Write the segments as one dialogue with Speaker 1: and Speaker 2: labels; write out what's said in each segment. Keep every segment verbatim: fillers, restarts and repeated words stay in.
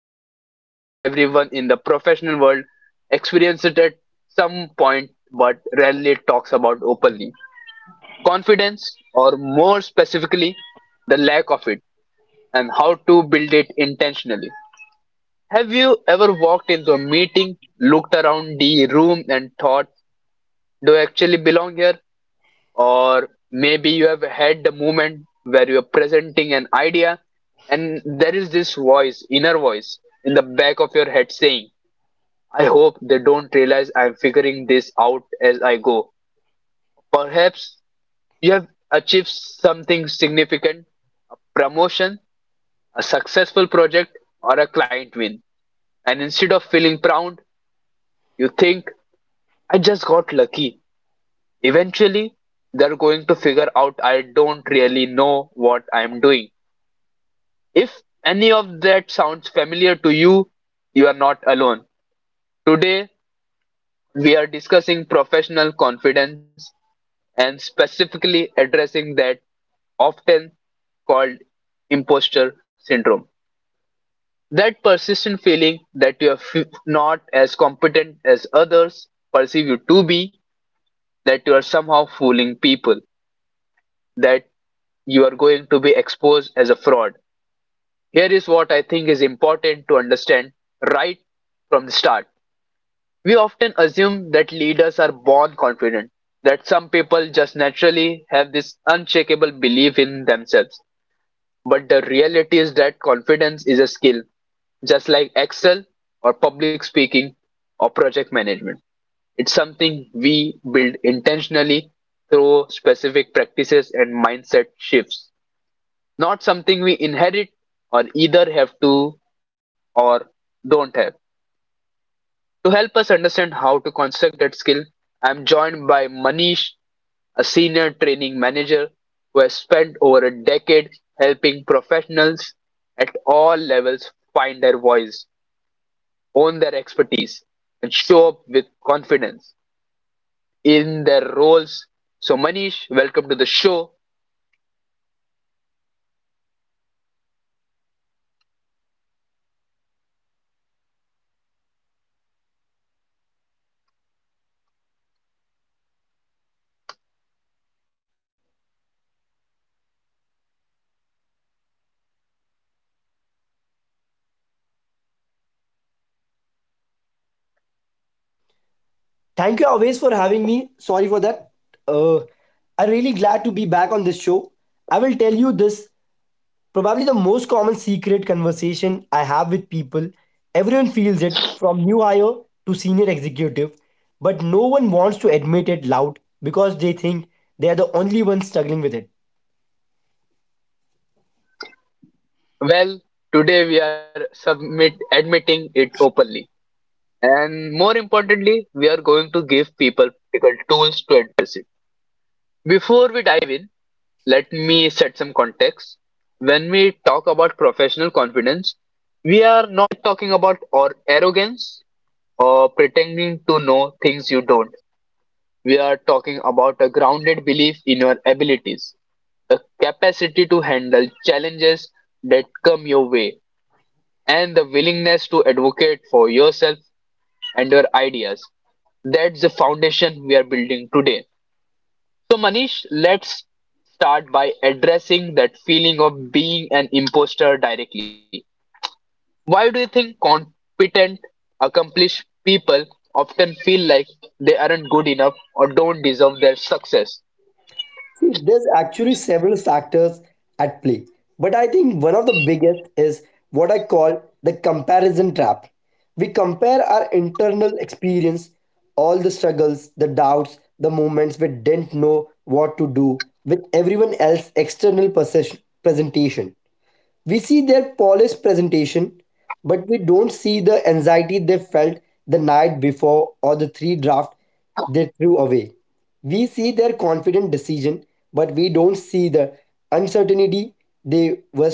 Speaker 1: I think almost everyone in the professional world experiences at some point but rarely talks about openly. Confidence, or more specifically the lack of it, and how to build it intentionally. Have you ever walked into a meeting, looked around the room and thought, do I actually belong here? Or maybe you have had the moment where you're presenting an idea and there is this voice, inner voice, in the back of your head saying, I hope they don't realize I'm figuring this out as I go. Perhaps you have achieved something significant, a promotion, a successful project, or a client win, and instead of feeling proud you think, I just got lucky. Eventually they're going to figure out I don't really know what I'm doing. If any of that sounds familiar to you, you are not alone. Today, we are discussing professional confidence and specifically addressing that often called imposter syndrome. That persistent feeling that you are f- not as competent as others perceive you to be, that you are somehow fooling people, that you are going to be exposed as a fraud. Here is what I think is important to understand right from the start. We often assume that leaders are born confident, that some people just naturally have this unshakable belief in themselves. But the reality is that confidence is a skill, just like Excel or public speaking or project management. It's something we build intentionally through specific practices and mindset shifts, not something we inherit or either have to or don't have. To help us understand how to construct that skill, I am joined by Manish, a senior training manager who has spent over a decade helping professionals at all levels find their voice, own their expertise, and show up with confidence in their roles. So, Manish, welcome to the show.
Speaker 2: Thank you always for having me. Sorry for that. Uh, I'm really glad to be back on this show. I will tell you this probably the most common secret conversation I have with people. Everyone feels it from new hire to senior executive, but no one wants to admit it loud because they think they are the only ones struggling with it.
Speaker 1: Well, today we are submit admitting it openly, and more importantly, we are going to give people practical tools to address it. Before we dive in, let me set some context. When we talk about professional confidence, we are not talking about or arrogance or pretending to know things you don't. We are talking about a grounded belief in your abilities, the capacity to handle challenges that come your way, and the willingness to advocate for yourself and your ideas. That's the foundation we are building today. So, Manish, let's start by addressing that feeling of being an imposter directly. Why do you think competent, accomplished people often feel like they aren't good enough or don't deserve their success?
Speaker 2: See, there's actually several factors at play, but I think one of the biggest is what I call the comparison trap. We compare our internal experience, all the struggles, the doubts, the moments we didn't know what to do with everyone else's external possession, presentation. We see their polished presentation, but we don't see the anxiety they felt the night before or the three draft they threw away. We see their confident decision, but we don't see the uncertainty they were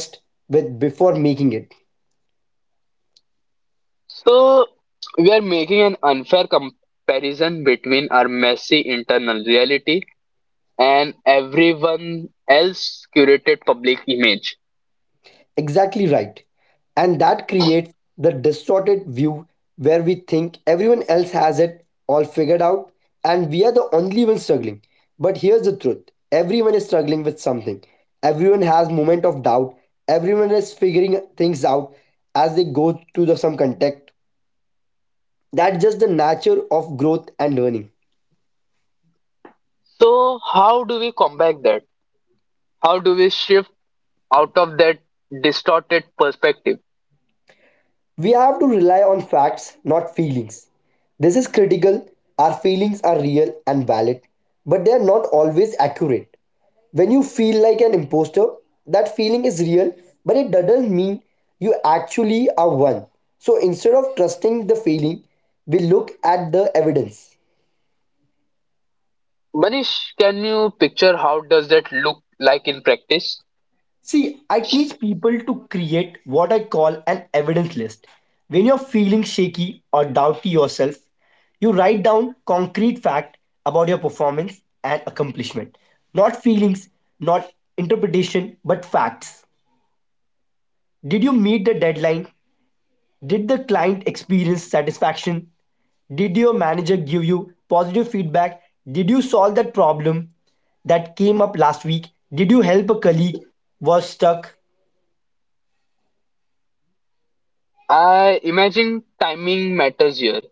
Speaker 2: with before making it.
Speaker 1: So, we are making an unfair comparison between our messy internal reality and everyone else's curated public image.
Speaker 2: Exactly right. And that creates the distorted view where we think everyone else has it all figured out and we are the only ones struggling. But here's the truth everyone is struggling with something. Everyone has moment of doubt. Everyone is figuring things out as they go through the, some contact. That's just the nature of growth and learning.
Speaker 1: So, how do we combat that? How do we shift out of that distorted perspective?
Speaker 2: We have to rely on facts, not feelings. This is critical. Our feelings are real and valid, but they are not always accurate. When you feel like an imposter, that feeling is real, but it doesn't mean you actually are one. So instead of trusting the feeling, we look at the evidence.
Speaker 1: Manish, can you picture how does that look like in practice?
Speaker 2: See, I teach people to create what I call an evidence list. When you're feeling shaky or doubt to yourself, you write down concrete fact about your performance and accomplishment. Not feelings, not interpretation, but facts. Did you meet the deadline? Did the client experience satisfaction? Did your manager give you positive feedback? Did you solve that problem that came up last week? Did you help a colleague was stuck?
Speaker 1: I imagine timing matters here.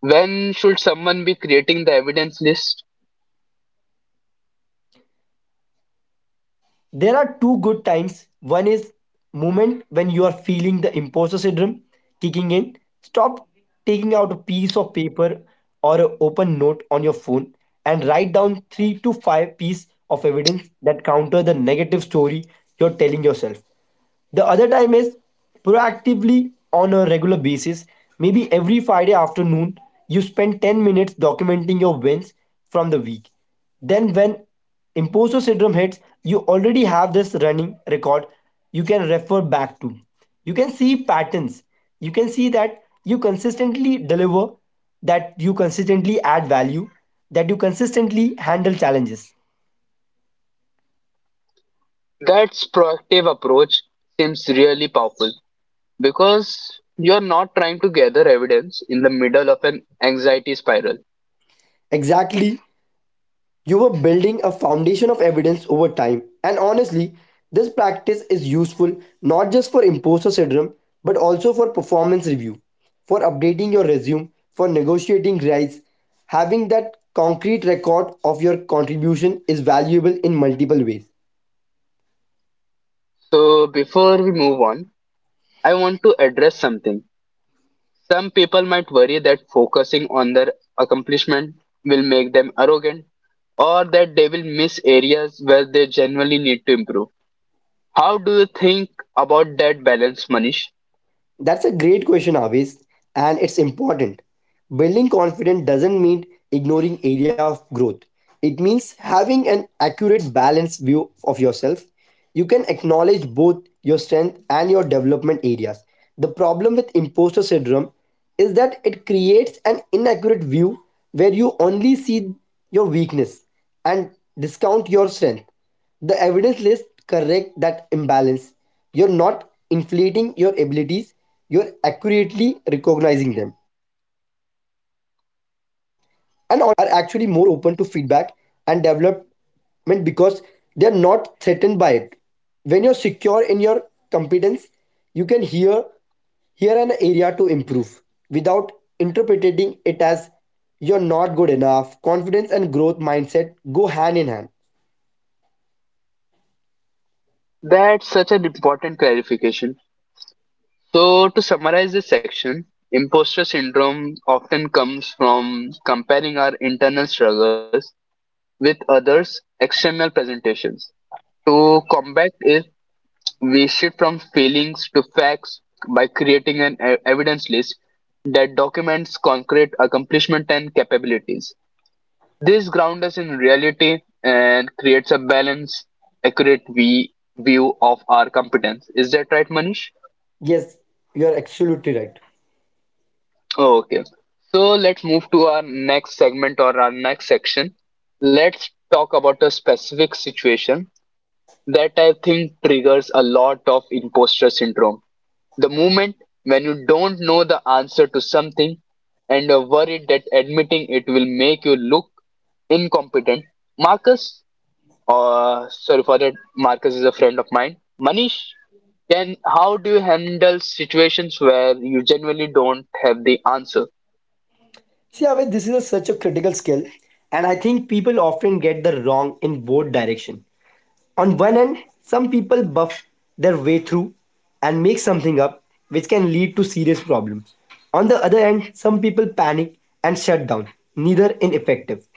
Speaker 1: When should someone be creating the evidence list?
Speaker 2: There are two good times. One is moment when you are feeling the imposter syndrome kicking in. Stop taking out a piece of paper or an open note on your phone and write down three to five pieces of evidence that counter the negative story you're telling yourself. The other time is proactively on a regular basis. Maybe every Friday afternoon, you spend ten minutes documenting your wins from the week. Then, when imposter syndrome hits, you already have this running record you can refer back to. You can see patterns. You can see that you consistently deliver, that you consistently add value, that you consistently handle challenges.
Speaker 1: That's proactive approach seems really powerful because you're not trying to gather evidence in the middle of an anxiety spiral.
Speaker 2: Exactly. You were building a foundation of evidence over time. And honestly, this practice is useful not just for imposter syndrome, but also for performance review, for updating your resume, for negotiating rights. Having that concrete record of your contribution is valuable in multiple ways.
Speaker 1: So before we move on, I want to address something. Some people might worry that focusing on their accomplishment will make them arrogant or that they will miss areas where they genuinely need to improve. How do you think about that balance, Manish?
Speaker 2: That's a great question, Avis, and it's important. Building confidence doesn't mean ignoring area of growth. It means having an accurate balanced view of yourself. You can acknowledge both your strength and your development areas. The problem with imposter syndrome is that it creates an inaccurate view where you only see your weakness and discount your strength. The evidence list correct that imbalance. You're not inflating your abilities, you're accurately recognizing them. And honestly, confident people are actually more open to feedback and development because they're not threatened by it. When you're secure in your competence, you can hear hear an area to improve without interpreting it as you're not good enough. Confidence and growth mindset go hand in hand.
Speaker 1: That's such an important clarification. So, to summarize this section, imposter syndrome often comes from comparing our internal struggles with others' external presentations. To combat it, we shift from feelings to facts by creating an e- evidence list that documents concrete accomplishment and capabilities. This grounds us in reality and creates a balanced, accurate v- view of our competence. Is that right, Manish?
Speaker 2: Yes, you are absolutely right.
Speaker 1: Oh, okay. So let's move to our next segment or our next section. Let's talk about a specific situation that I think triggers a lot of imposter syndrome. The moment when you don't know the answer to something and are worried that admitting it will make you look incompetent. Marcus, uh, sorry for that, Marcus is a friend of mine. Manish, then how do you handle situations where you genuinely don't have the answer?
Speaker 2: See, Aved, this is a, such a critical skill, and I think people often get the wrong in both direction. On one hand, some people buff their way through and make something up, which can lead to serious problems. On the other hand, some people panic and shut down, neither ineffective.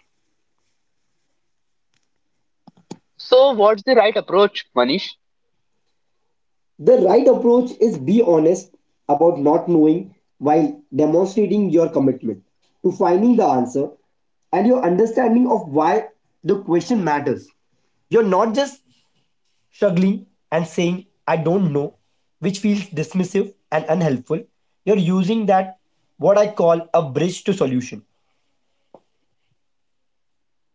Speaker 1: So, what's the right approach, Manish?
Speaker 2: The right approach is be honest about not knowing while demonstrating your commitment to finding the answer and your understanding of why the question matters. You're not just struggling and saying, I don't know, which feels dismissive and unhelpful. You're using that, what I call a bridge to solution.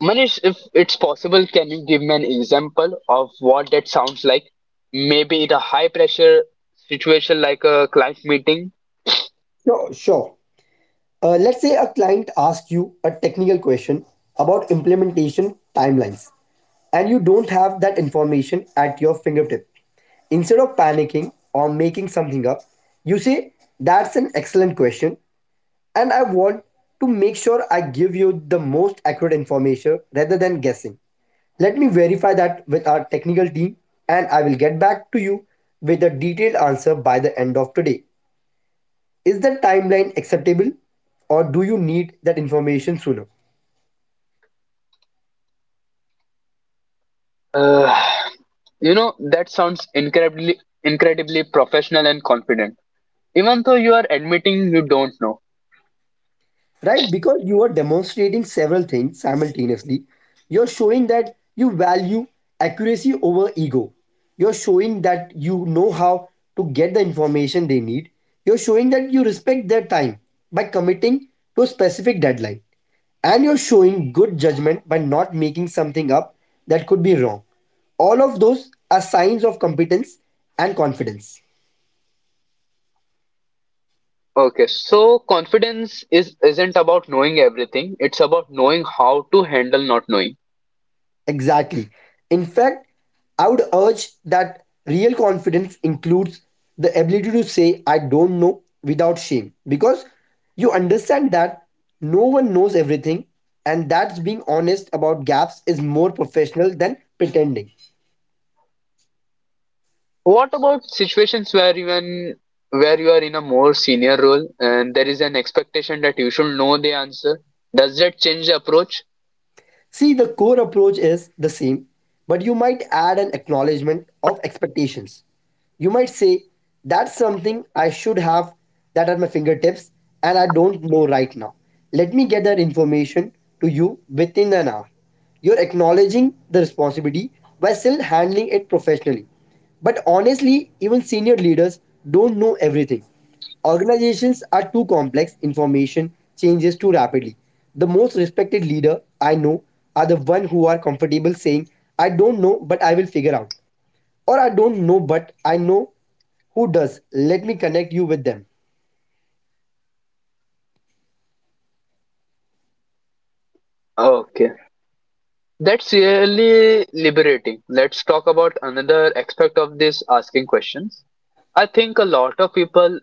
Speaker 1: Manish, if it's possible, can you give me an example of what that sounds like? Maybe in a high pressure situation like a client meeting?
Speaker 2: Sure, sure. Uh, let's say a client asks you a technical question about implementation timelines. And you don't have that information at your fingertip. Instead of panicking or making something up, you say, that's an excellent question, and I want to make sure I give you the most accurate information rather than guessing. Let me verify that with our technical team, and I will get back to you with a detailed answer by the end of today. Is the timeline acceptable, or do you need that information sooner?
Speaker 1: Uh, You know, that sounds incredibly incredibly professional and confident, even though you are admitting you don't know.
Speaker 2: Right? Because you are demonstrating several things simultaneously. You're showing that you value accuracy over ego. You're showing that you know how to get the information they need. You're showing that you respect their time by committing to a specific deadline. And you're showing good judgment by not making something up that could be wrong. All of those are signs of competence and confidence.
Speaker 1: Okay, so confidence is isn't about knowing everything, it's about knowing how to handle not knowing.
Speaker 2: Exactly. In fact, I would urge that real confidence includes the ability to say, I don't know without shame because you understand that no one knows everything and that's being honest about gaps is more professional than pretending.
Speaker 1: What about situations where even where you are in a more senior role and there is an expectation that you should know the answer? Does that change the approach?
Speaker 2: See, the core approach is the same, but you might add an acknowledgement of expectations. You might say, that's something I should have that at my fingertips and I don't know right now. Let me get that information to you within an hour. You're acknowledging the responsibility while still handling it professionally. But honestly, even senior leaders don't know everything. Organizations are too complex, information changes too rapidly. The most respected leader I know are the one who are comfortable saying, I don't know, but I will figure out. Or I don't know, but I know who does. Let me connect you with them.
Speaker 1: Okay. That's really liberating. Let's talk about another aspect of this, asking questions. I think a lot of people,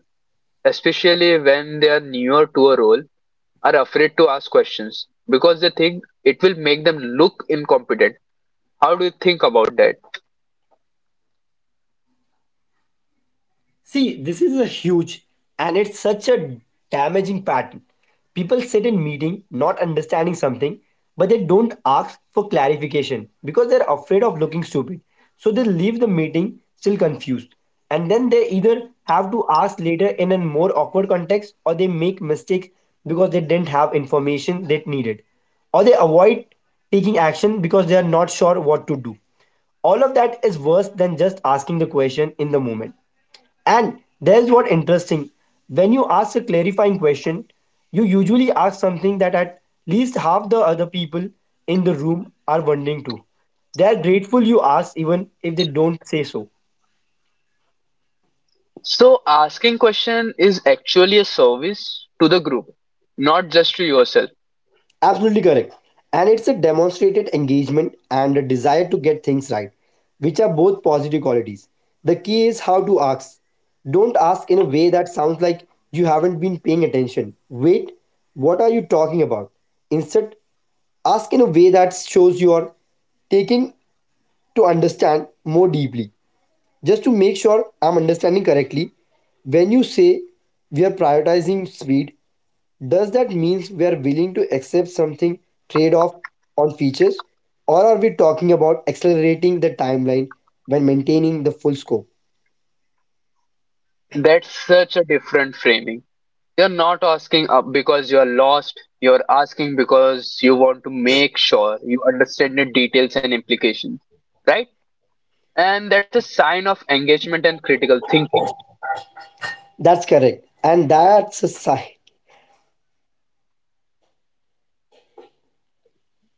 Speaker 1: especially when they are newer to a role, are afraid to ask questions because they think it will make them look incompetent. How do you think about that?
Speaker 2: See, this is a huge and it's such a damaging pattern. People sit in meeting not understanding something, but they don't ask for clarification because they're afraid of looking stupid. So they leave the meeting still confused. And then they either have to ask later in a more awkward context or they make mistakes because they didn't have information they needed. Or they avoid taking action because they are not sure what to do all of that is worse than just asking the question in the moment and there's what interesting. When you ask a clarifying question, you usually ask something that at least half the other people in the room are wondering too. They are grateful you asked even if they don't say so.
Speaker 1: So asking question is actually a service to the group, not just to yourself.
Speaker 2: Absolutely correct. And it's a demonstrated engagement and a desire to get things right, which are both positive qualities. The key is how to ask. Don't ask in a way that sounds like you haven't been paying attention. Wait, what are you talking about? Instead, ask in a way that shows you are taking to understand more deeply. Just to make sure I'm understanding correctly, when you say we are prioritizing speed, does that mean we are willing to accept something trade off on features? Or are we talking about accelerating the timeline when maintaining the full scope?
Speaker 1: That's such a different framing. You're not asking up because you're lost. You're asking because you want to make sure you understand the details and implications, right? And that's a sign of engagement and critical thinking.
Speaker 2: That's correct. And that's a sign.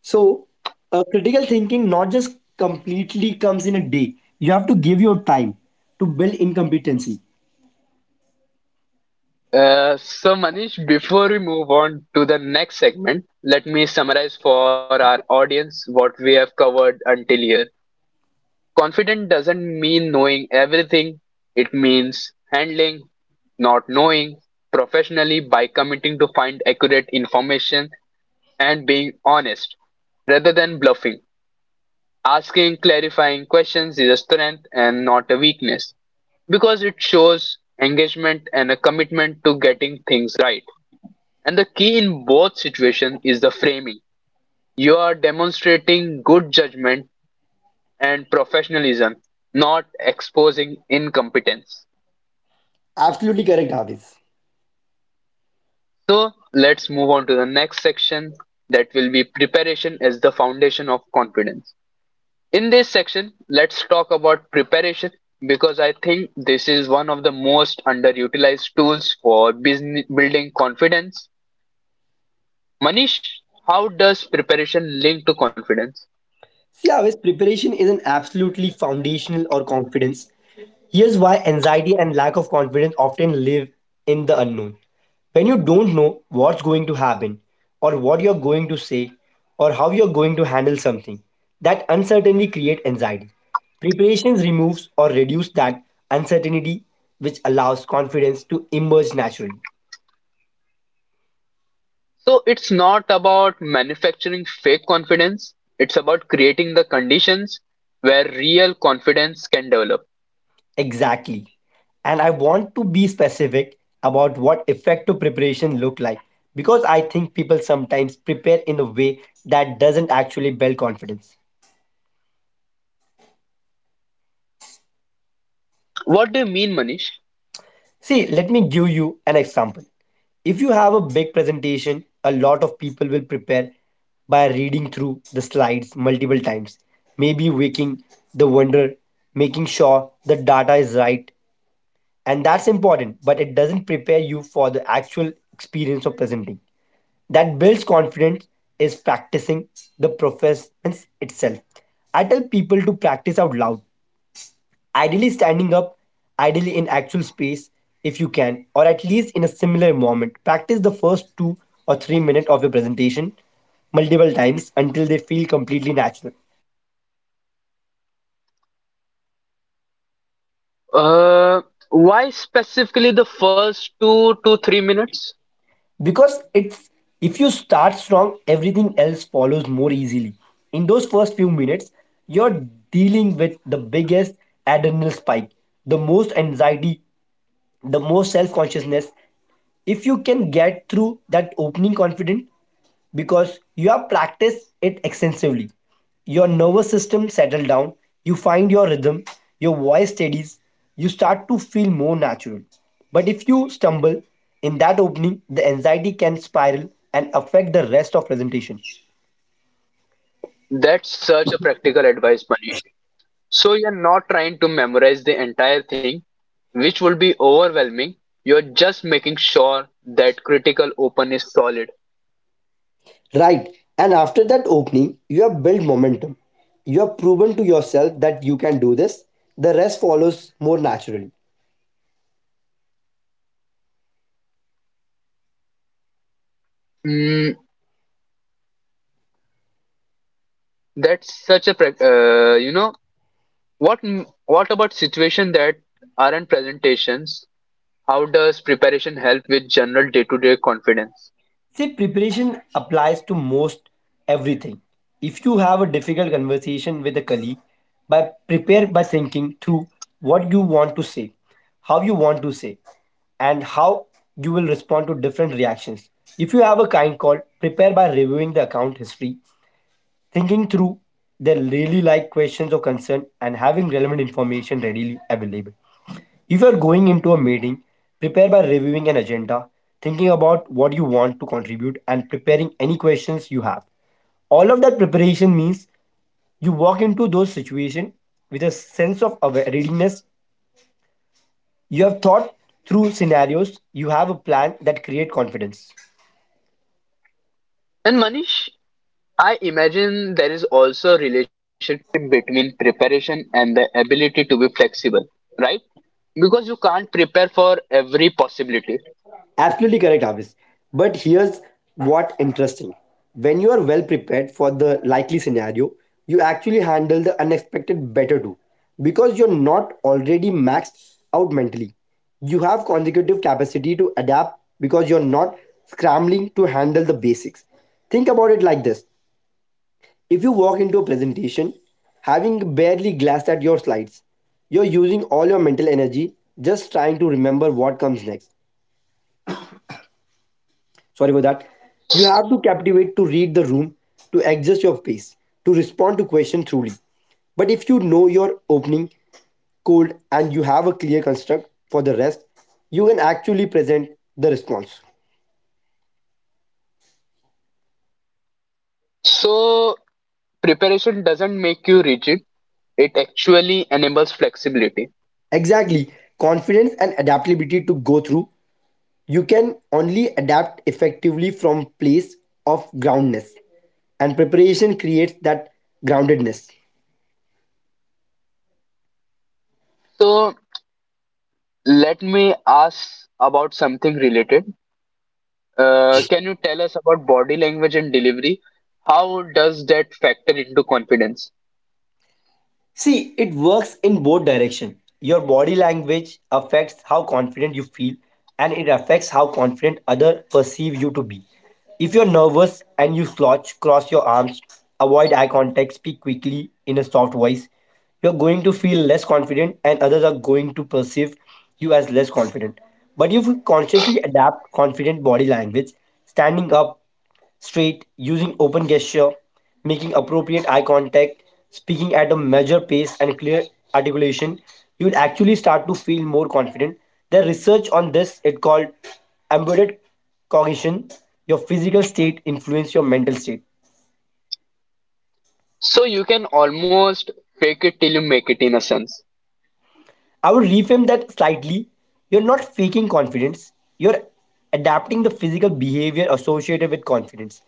Speaker 2: So, uh, critical thinking not just completely comes in a day, you have to give your time to build incompetency.
Speaker 1: Uh, so, Manish, before we move on to the next segment, let me summarize for our audience what we have covered until here. Confident doesn't mean knowing everything, it means handling, not knowing professionally by committing to find accurate information and being honest rather than bluffing. Asking clarifying questions is a strength and not a weakness because it shows engagement and a commitment to getting things right. And the key in both situations is the framing. You are demonstrating good judgment and professionalism, not exposing incompetence.
Speaker 2: Absolutely correct, Hafiz.
Speaker 1: So let's move on to the next section that will be preparation as the foundation of confidence. In this section, let's talk about preparation because I think this is one of the most underutilized tools for business building confidence. Manish, how does preparation link to confidence?
Speaker 2: See, Avis, preparation isn't absolutely foundational or confidence. Here's why anxiety and lack of confidence often live in the unknown. When you don't know what's going to happen, or what you're going to say, or how you're going to handle something, that uncertainty creates anxiety. Preparations removes or reduce that uncertainty, which allows confidence to emerge naturally.
Speaker 1: So it's not about manufacturing fake confidence, it's about creating the conditions where real confidence can develop.
Speaker 2: Exactly. And I want to be specific about what effective preparation look like because I think people sometimes prepare in a way that doesn't actually build confidence.
Speaker 1: What do you mean, Manish?
Speaker 2: See, let me give you an example. If you have a big presentation, a lot of people will prepare by reading through the slides multiple times, maybe waking the wonder, making sure the data is right. And that's important, but it doesn't prepare you for the actual experience of presenting. That builds confidence is practicing the performance itself. I tell people to practice out loud, ideally standing up, ideally in actual space if you can, or at least in a similar environment. Practice the first two or three minutes of your presentation multiple times until they feel completely natural.
Speaker 1: Uh, why specifically the first two to three minutes?
Speaker 2: Because it's if you start strong, everything else follows more easily. In those first few minutes, you're dealing with the biggest adrenaline spike, the most anxiety, the more self consciousness if you can get through that opening confident because you have practiced it extensively, your nervous system settle down, you find your rhythm, your voice steadies, you start to feel more natural. But if you stumble in that opening, the anxiety can spiral and affect the rest of presentation.
Speaker 1: That's such a practical advice, Manish. So you're not trying to memorize the entire thing, which would be overwhelming. You're just making sure that critical open is solid.
Speaker 2: Right, and after that opening you have built momentum, you have proven to yourself that you can do this, the rest follows more naturally.
Speaker 1: Mm. that's such a prac- uh, you know What m- what about situation that aren't presentations? How does preparation help with general day-to-day confidence?
Speaker 2: Say preparation applies to most everything. If you have a difficult conversation with a colleague, by prepare by thinking through what you want to say, how you want to say, and how you will respond to different reactions. If you have a kind call, prepare by reviewing the account history, thinking through the really like questions or concern, and having relevant information readily available. If you are going into a meeting, prepare by reviewing an agenda, thinking about what you want to contribute, and preparing any questions you have. All of that preparation means you walk into those situations with a sense of aware- readiness. You have thought through scenarios, you have a plan that create confidence.
Speaker 1: And Manish, I imagine there is also a relationship between preparation and the ability to be flexible, right? Because you can't prepare for every possibility.
Speaker 2: Absolutely correct, Avis. But here's what interesting. When you are well prepared for the likely scenario, you actually handle the unexpected better too. Because you're not already maxed out mentally. You have consecutive capacity to adapt because you're not scrambling to handle the basics. Think about it like this. If you walk into a presentation having barely glanced at your slides, you're using all your mental energy just trying to remember what comes next. Sorry for that, you have to captivate to read the room, to adjust your pace, to respond to questions truly. But if you know your opening cold and you have a clear construct for the rest, you can actually present the response.
Speaker 1: So preparation doesn't make you rigid, it actually enables flexibility.
Speaker 2: Exactly, confidence and adaptability to go through, you can only adapt effectively from place of groundness, and preparation creates that groundedness.
Speaker 1: So let me ask about something related. Uh, can you tell us about body language and delivery? How does that factor into confidence?
Speaker 2: See, it works in both direction. Your body language affects how confident you feel and it affects how confident others perceive you to be. If you're nervous and you slouch, cross your arms, avoid eye contact, speak quickly in a soft voice, you're going to feel less confident and others are going to perceive you as less confident. But if you consciously adapt confident body language, standing up straight, using open gesture, making appropriate eye contact, speaking at a measured pace and clear articulation, you will actually start to feel more confident. The research on this it called embedded cognition. Your physical state influence your mental state.
Speaker 1: So you can almost fake it till you make it in a sense.
Speaker 2: I would reframe that slightly. You're not faking confidence, you're adapting the physical behavior associated with confidence.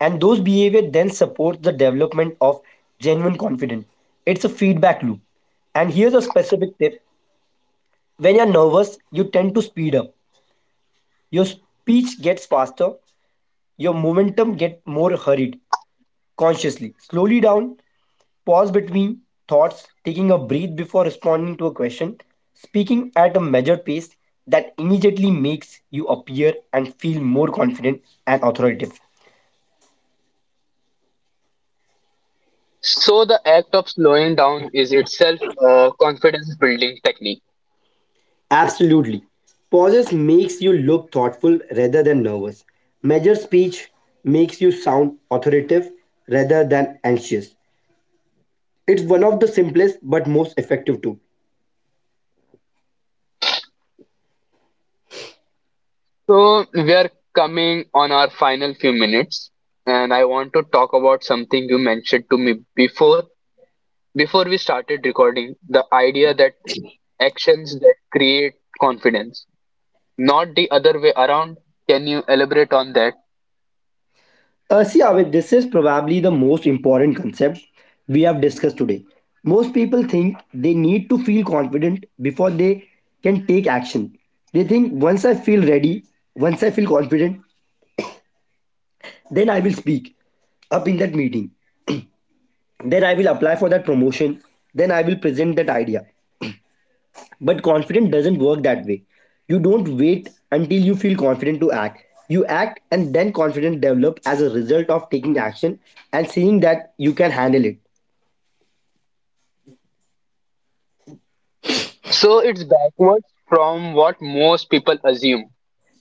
Speaker 2: And those behavior then support the development of genuine confidence. It's a feedback loop. And here's a specific tip: when you're nervous, you tend to speed up. Your speech gets faster, your momentum get more hurried consciously. Slowly down. Pause between thoughts, taking a breath before responding to a question, speaking at a measured pace, that immediately makes you appear and feel more confident and authoritative.
Speaker 1: So the act of slowing down is itself a confidence building technique.
Speaker 2: Absolutely. Pauses makes you look thoughtful rather than nervous. Measured speech makes you sound authoritative rather than anxious. It's one of the simplest but most effective tools.
Speaker 1: So we are coming on our final few minutes and I want to talk about something you mentioned to me before before we started recording, the idea that actions that create confidence, not the other way around. Can you elaborate on that?
Speaker 2: Uh, see, Avik, this is probably the most important concept we have discussed today. Most people think they need to feel confident before they can take action. They think once I feel ready, once I feel confident, then I will speak up in that meeting. Then I will apply for that promotion. Then I will present that idea. But confidence doesn't work that way. You don't wait until you feel confident to act. You act and then confidence develops as a result of taking action and seeing that you can handle it.
Speaker 1: So it's backwards from what most people assume.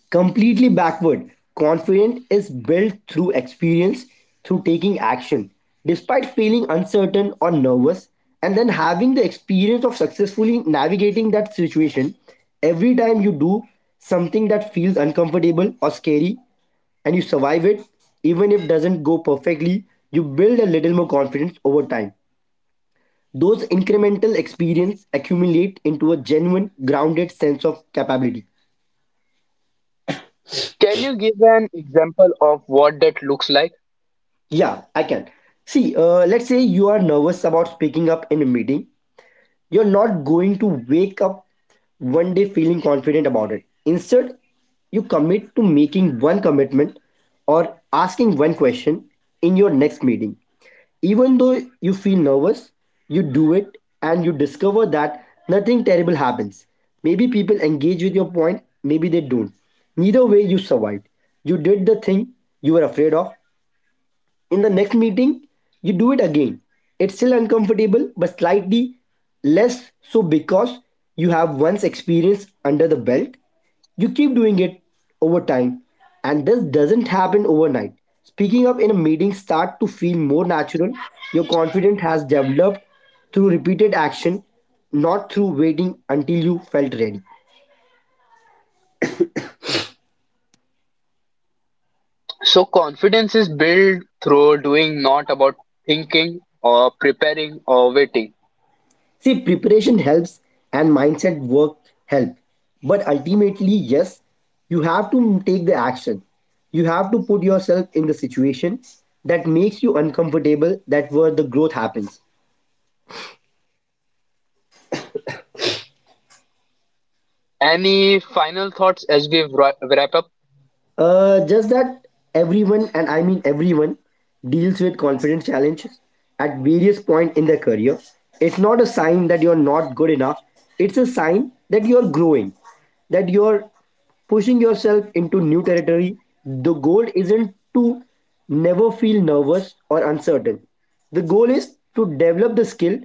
Speaker 2: Completely backward. Confidence is built through experience, through taking action. Despite feeling uncertain or nervous, and then having the experience of successfully navigating that situation, every time you do something that feels uncomfortable or scary and you survive it, even if it doesn't go perfectly, you build a little more confidence over time. Those incremental experience accumulate into a genuine grounded sense of capability.
Speaker 1: Can you give an example of what that looks like?
Speaker 2: Yeah, I can. See, uh, let's say you are nervous about speaking up in a meeting. You're not going to wake up one day feeling confident about it. Instead, you commit to making one commitment or asking one question in your next meeting. Even though you feel nervous, you do it and you discover that nothing terrible happens. Maybe people engage with your point, maybe they don't. Neither way, you survived. You did the thing you were afraid of, in the next meeting, you do it again. It's still uncomfortable, but slightly less so because you have once experience under the belt. You keep doing it over time, and this doesn't happen overnight. Speaking up in a meeting start to feel more natural. Your confidence has developed through repeated action, not through waiting until you felt ready.
Speaker 1: So confidence is built through doing, not about thinking or preparing or waiting.
Speaker 2: See, preparation helps and mindset work help. But ultimately, yes, you have to take the action. You have to put yourself in the situation that makes you uncomfortable, that where the growth happens.
Speaker 1: Any final thoughts as we wra- wrap up?
Speaker 2: Uh, just that everyone, and I mean everyone, deals with confidence challenges at various point in their career. It's not a sign that you're not good enough. It's a sign that you're growing, that you're pushing yourself into new territory. The goal isn't to never feel nervous or uncertain. The goal is to develop the skill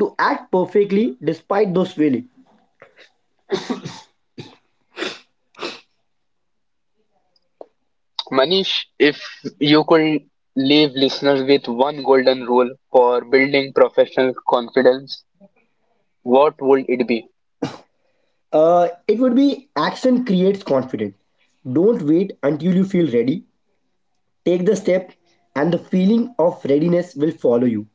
Speaker 2: to act perfectly despite those feelings.
Speaker 1: Manish, if you could leave listeners with one golden rule for building professional confidence, what would it be?
Speaker 2: Uh, it would be action creates confidence. Don't wait until you feel ready. Take the step, and the feeling of readiness will follow you.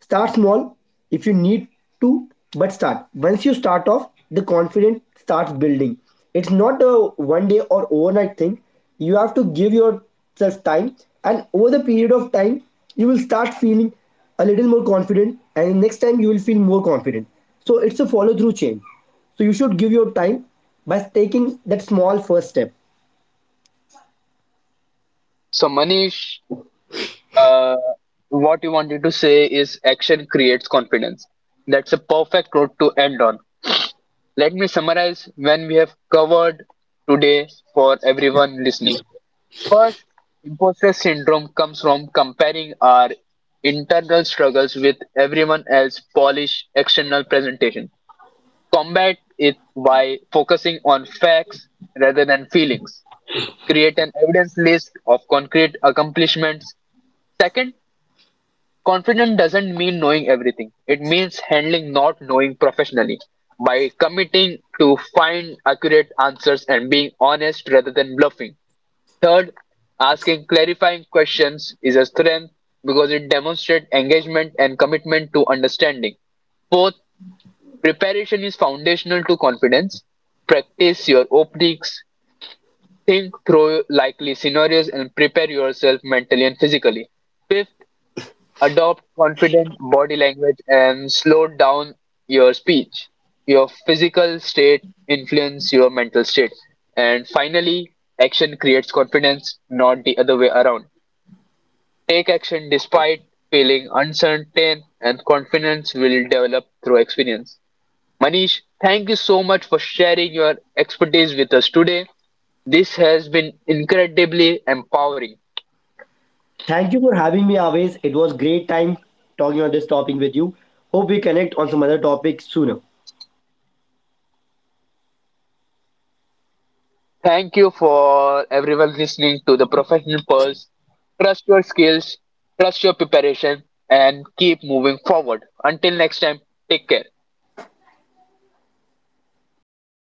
Speaker 2: Start small if you need to, but start. Once you start off, the confidence starts building. It's not a one day or overnight thing. You have to give yourself time, and over the period of time, you will start feeling a little more confident, and next time you will feel more confident. So, it's a follow through chain. So, you should give your time by taking that small first step.
Speaker 1: So, Manish, uh, what you wanted to say is action creates confidence. That's a perfect note to end on. Let me summarize when we have covered today for everyone listening. First, imposter syndrome comes from comparing our internal struggles with everyone else's polished external presentation. Combat it by focusing on facts rather than feelings. Create an evidence list of concrete accomplishments. Second, confident doesn't mean knowing everything. It means handling not knowing professionally by committing to find accurate answers and being honest rather than bluffing. Third, asking clarifying questions is a strength because it demonstrates engagement and commitment to understanding. Fourth, preparation is foundational to confidence. Practice your openings, think through likely scenarios, and prepare yourself mentally and physically. Fifth, adopt confident body language and slow down your speech. Your physical state influence your mental state. And finally, action creates confidence, not the other way around. Take action despite feeling uncertain and confidence will develop through experience. Manish, thank you so much for sharing your expertise with us today. This has been incredibly empowering.
Speaker 2: Thank you for having me, always. It was great time talking on this topic with you. Hope we connect on some other topic sooner.
Speaker 1: Thank you for everyone listening to the Professional Pulse. Trust your skills, trust your preparation, and keep moving forward. Until next time, take care.